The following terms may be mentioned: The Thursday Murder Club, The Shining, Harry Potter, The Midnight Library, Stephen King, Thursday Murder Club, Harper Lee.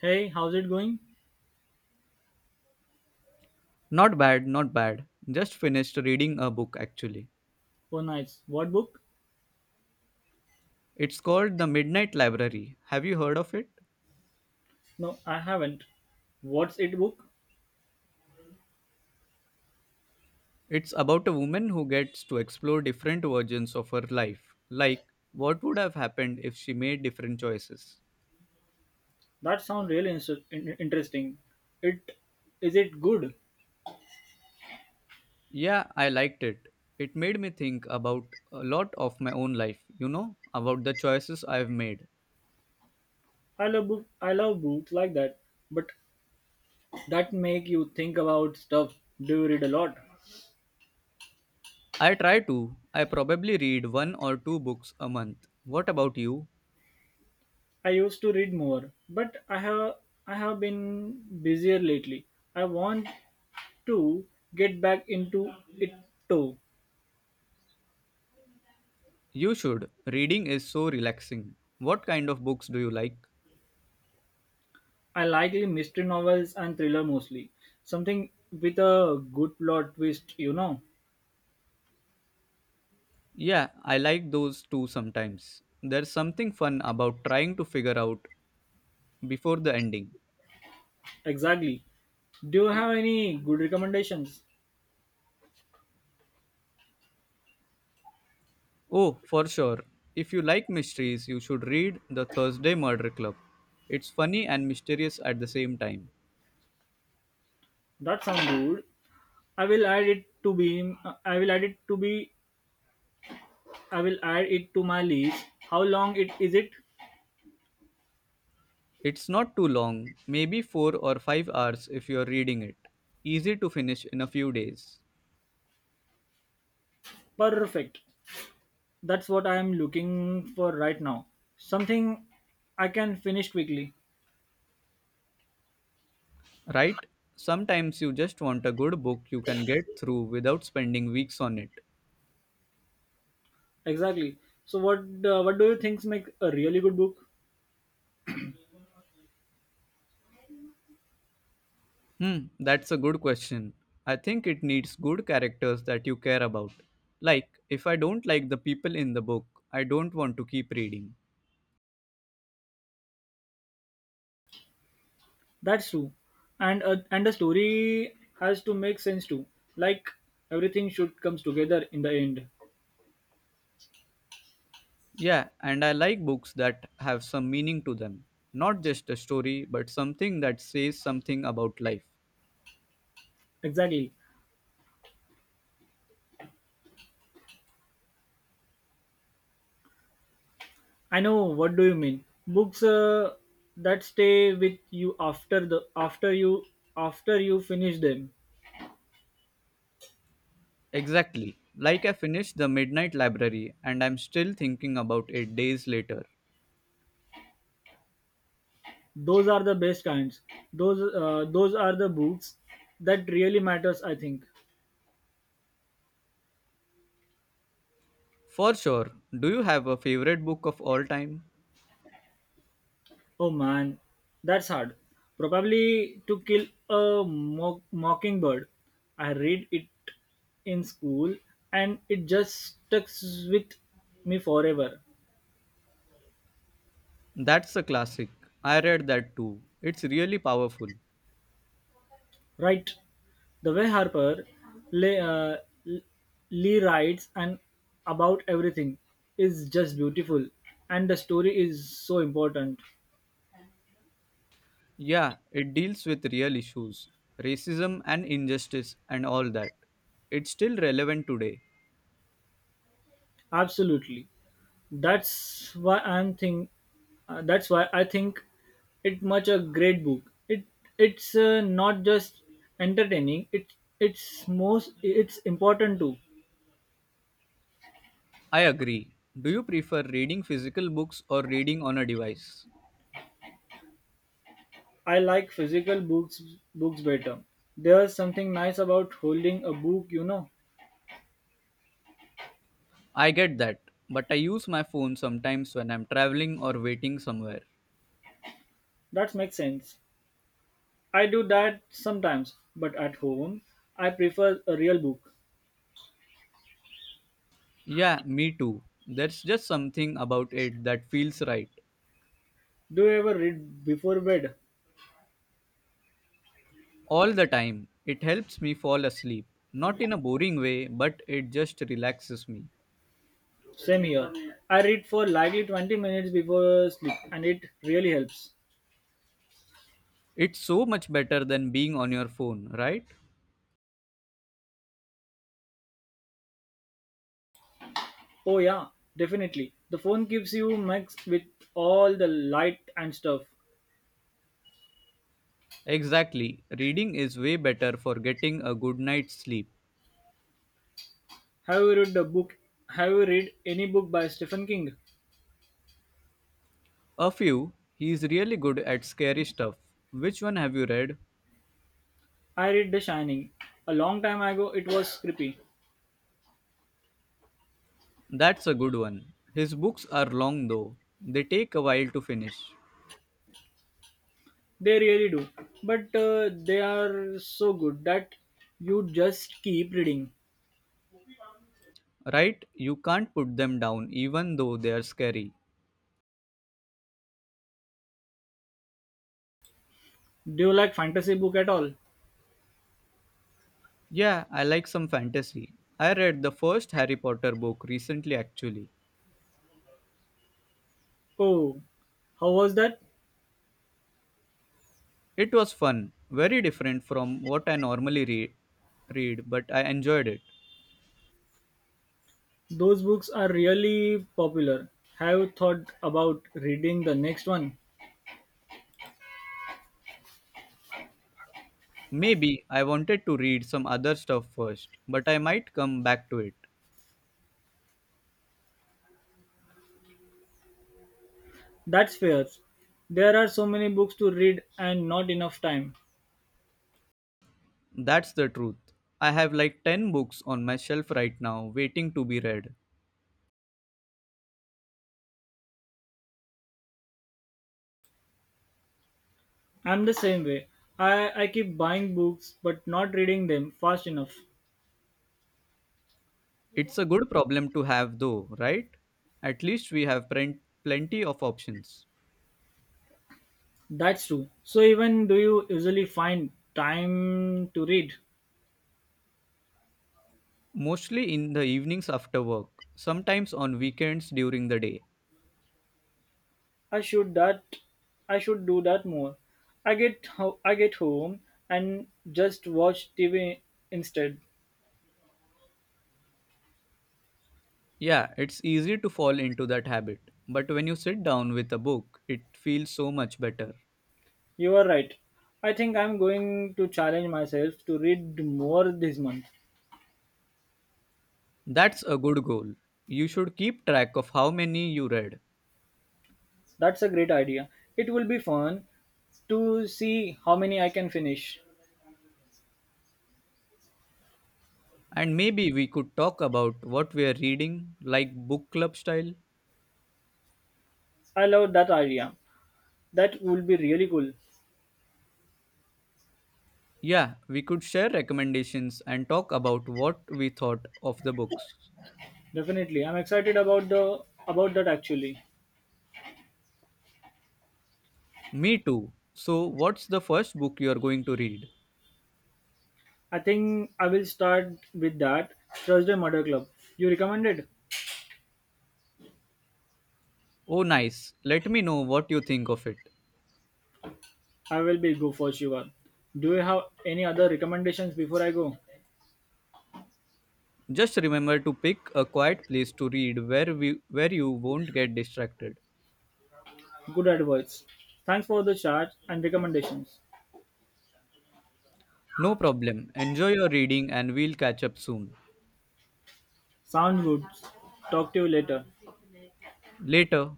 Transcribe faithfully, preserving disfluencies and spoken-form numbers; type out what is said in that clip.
Hey, how's it going? Not bad, not bad. Just finished reading a book actually. Oh, nice. What book? It's called The Midnight Library. Have you heard of it? No, I haven't. What's it book? It's about a woman who gets to explore different versions of her life, like what would have happened if she made different choices. That sounds really inter- in- interesting. It Is it good? Yeah, I liked it. It made me think about a lot of my own life, you know, about the choices I've made. I love book. I love books like that, but that make you think about stuff. Do you read a lot? I try to. I probably read one or two books a month. What about you? I used to read more, but I have I have been busier lately. I want to get back into it too. You should. Reading is so relaxing. What kind of books do you like? I like the mystery novels and thriller mostly. Something with a good plot twist, you know. Yeah, I like those too sometimes. There's something fun about trying to figure out before the ending. Exactly. Do you have any good recommendations? Oh, for sure. If you like mysteries, you should read The Thursday Murder Club. It's funny and mysterious at the same time. That sounds good. I will add it to be. I will add it to be. I will add it to my list. How long it is it? It's not too long, maybe four or five hours if you're reading it. Easy to finish in a few days. Perfect. That's what I am looking for right now. Something I can finish quickly. Right? Sometimes you just want a good book you can get through without spending weeks on it. Exactly. So what uh, what do you think makes a really good book? Hmm, that's a good question. I think it needs good characters that you care about. Like, if I don't like the people in the book, I don't want to keep reading. That's true, and uh, and the story has to make sense too. Like everything should comes together in the end. Yeah, and I like books that have some meaning to them. Not just a story, but something that says something about life. Exactly. I know what do you mean. Books uh, that stay with you after the after you after you finish them. Exactly. Like, I finished The Midnight Library and I'm still thinking about it days later. Those are the best kinds. Those uh, those are the books that really matters. I think. For sure, do you have a favorite book of all time? Oh man, that's hard. Probably to kill a mock- mockingbird. I read it in school and it just stuck with me forever. That's a classic. I read that too. It's really powerful. Right. The way Harper Lee, uh, Lee writes and about everything is just beautiful and the story is so important. Yeah, it deals with real issues, racism and injustice and all that. It's still relevant today. Absolutely. That's why I'm think. Uh, that's why I think it much a great book. It it's uh, not just entertaining. It it's most it's important too. I agree. Do you prefer reading physical books or reading on a device? I like physical books books better. There's something nice about holding a book, you know. I get that, but I use my phone sometimes when I'm traveling or waiting somewhere. That makes sense. I do that sometimes, but at home I prefer a real book. Yeah, me too. There's just something about it that feels right. Do you ever read before bed? All the time, it helps me fall asleep. Not in a boring way, but it just relaxes me. Same here. I read for likely twenty minutes before sleep and it really helps. It's so much better than being on your phone, right? Oh, yeah, definitely. The phone keeps you mixed with all the light and stuff. Exactly. Reading is way better for getting a good night's sleep. Have you read the book? Have you read any book by Stephen King? A few. He's really good at scary stuff. Which one have you read? I read The Shining. A long time ago, it was creepy. That's a good one. His books are long though. They take a while to finish. They really do. But uh, they are so good that you just keep reading. Right? You can't put them down even though they are scary. Do you like fantasy book at all? Yeah, I like some fantasy. I read the first Harry Potter book recently actually. Oh, how was that? It was fun, very different from what I normally re- read, but I enjoyed it. Those books are really popular. Have you thought about reading the next one? Maybe I wanted to read some other stuff first, but I might come back to it. That's fair. There are so many books to read and not enough time. That's the truth. I have like ten books on my shelf right now waiting to be read. I'm the same way. I, I keep buying books but not reading them fast enough. It's a good problem to have though, right? At least we have plen- plenty of options. That's true. So even do you usually find time to read? Mostly in the evenings after work, sometimes on weekends during the day. I should that I should do that more. I get ho- I get home and just watch T V instead. Yeah, it's easy to fall into that habit, but when you sit down with a book, it feels so much better. You are right. I think I'm going to challenge myself to read more this month. That's a good goal. You should keep track of how many you read. That's a great idea. It will be fun to see how many I can finish. And maybe we could talk about what we are reading, like book club style. I love that idea. That will be really cool. Yeah, we could share recommendations and talk about what we thought of the books. Definitely. I'm excited about the about that actually. Me too. So, what's the first book you are going to read? I think I will start with that Thursday Murder Club. You recommended? Oh, nice. Let me know what you think of it. I will be go for sure. Do you have any other recommendations before I go? Just remember to pick a quiet place to read where we where you won't get distracted. Good advice. Thanks for the chat and recommendations. No problem. Enjoy your reading and we'll catch up soon. Sound good. Talk to you later. Later.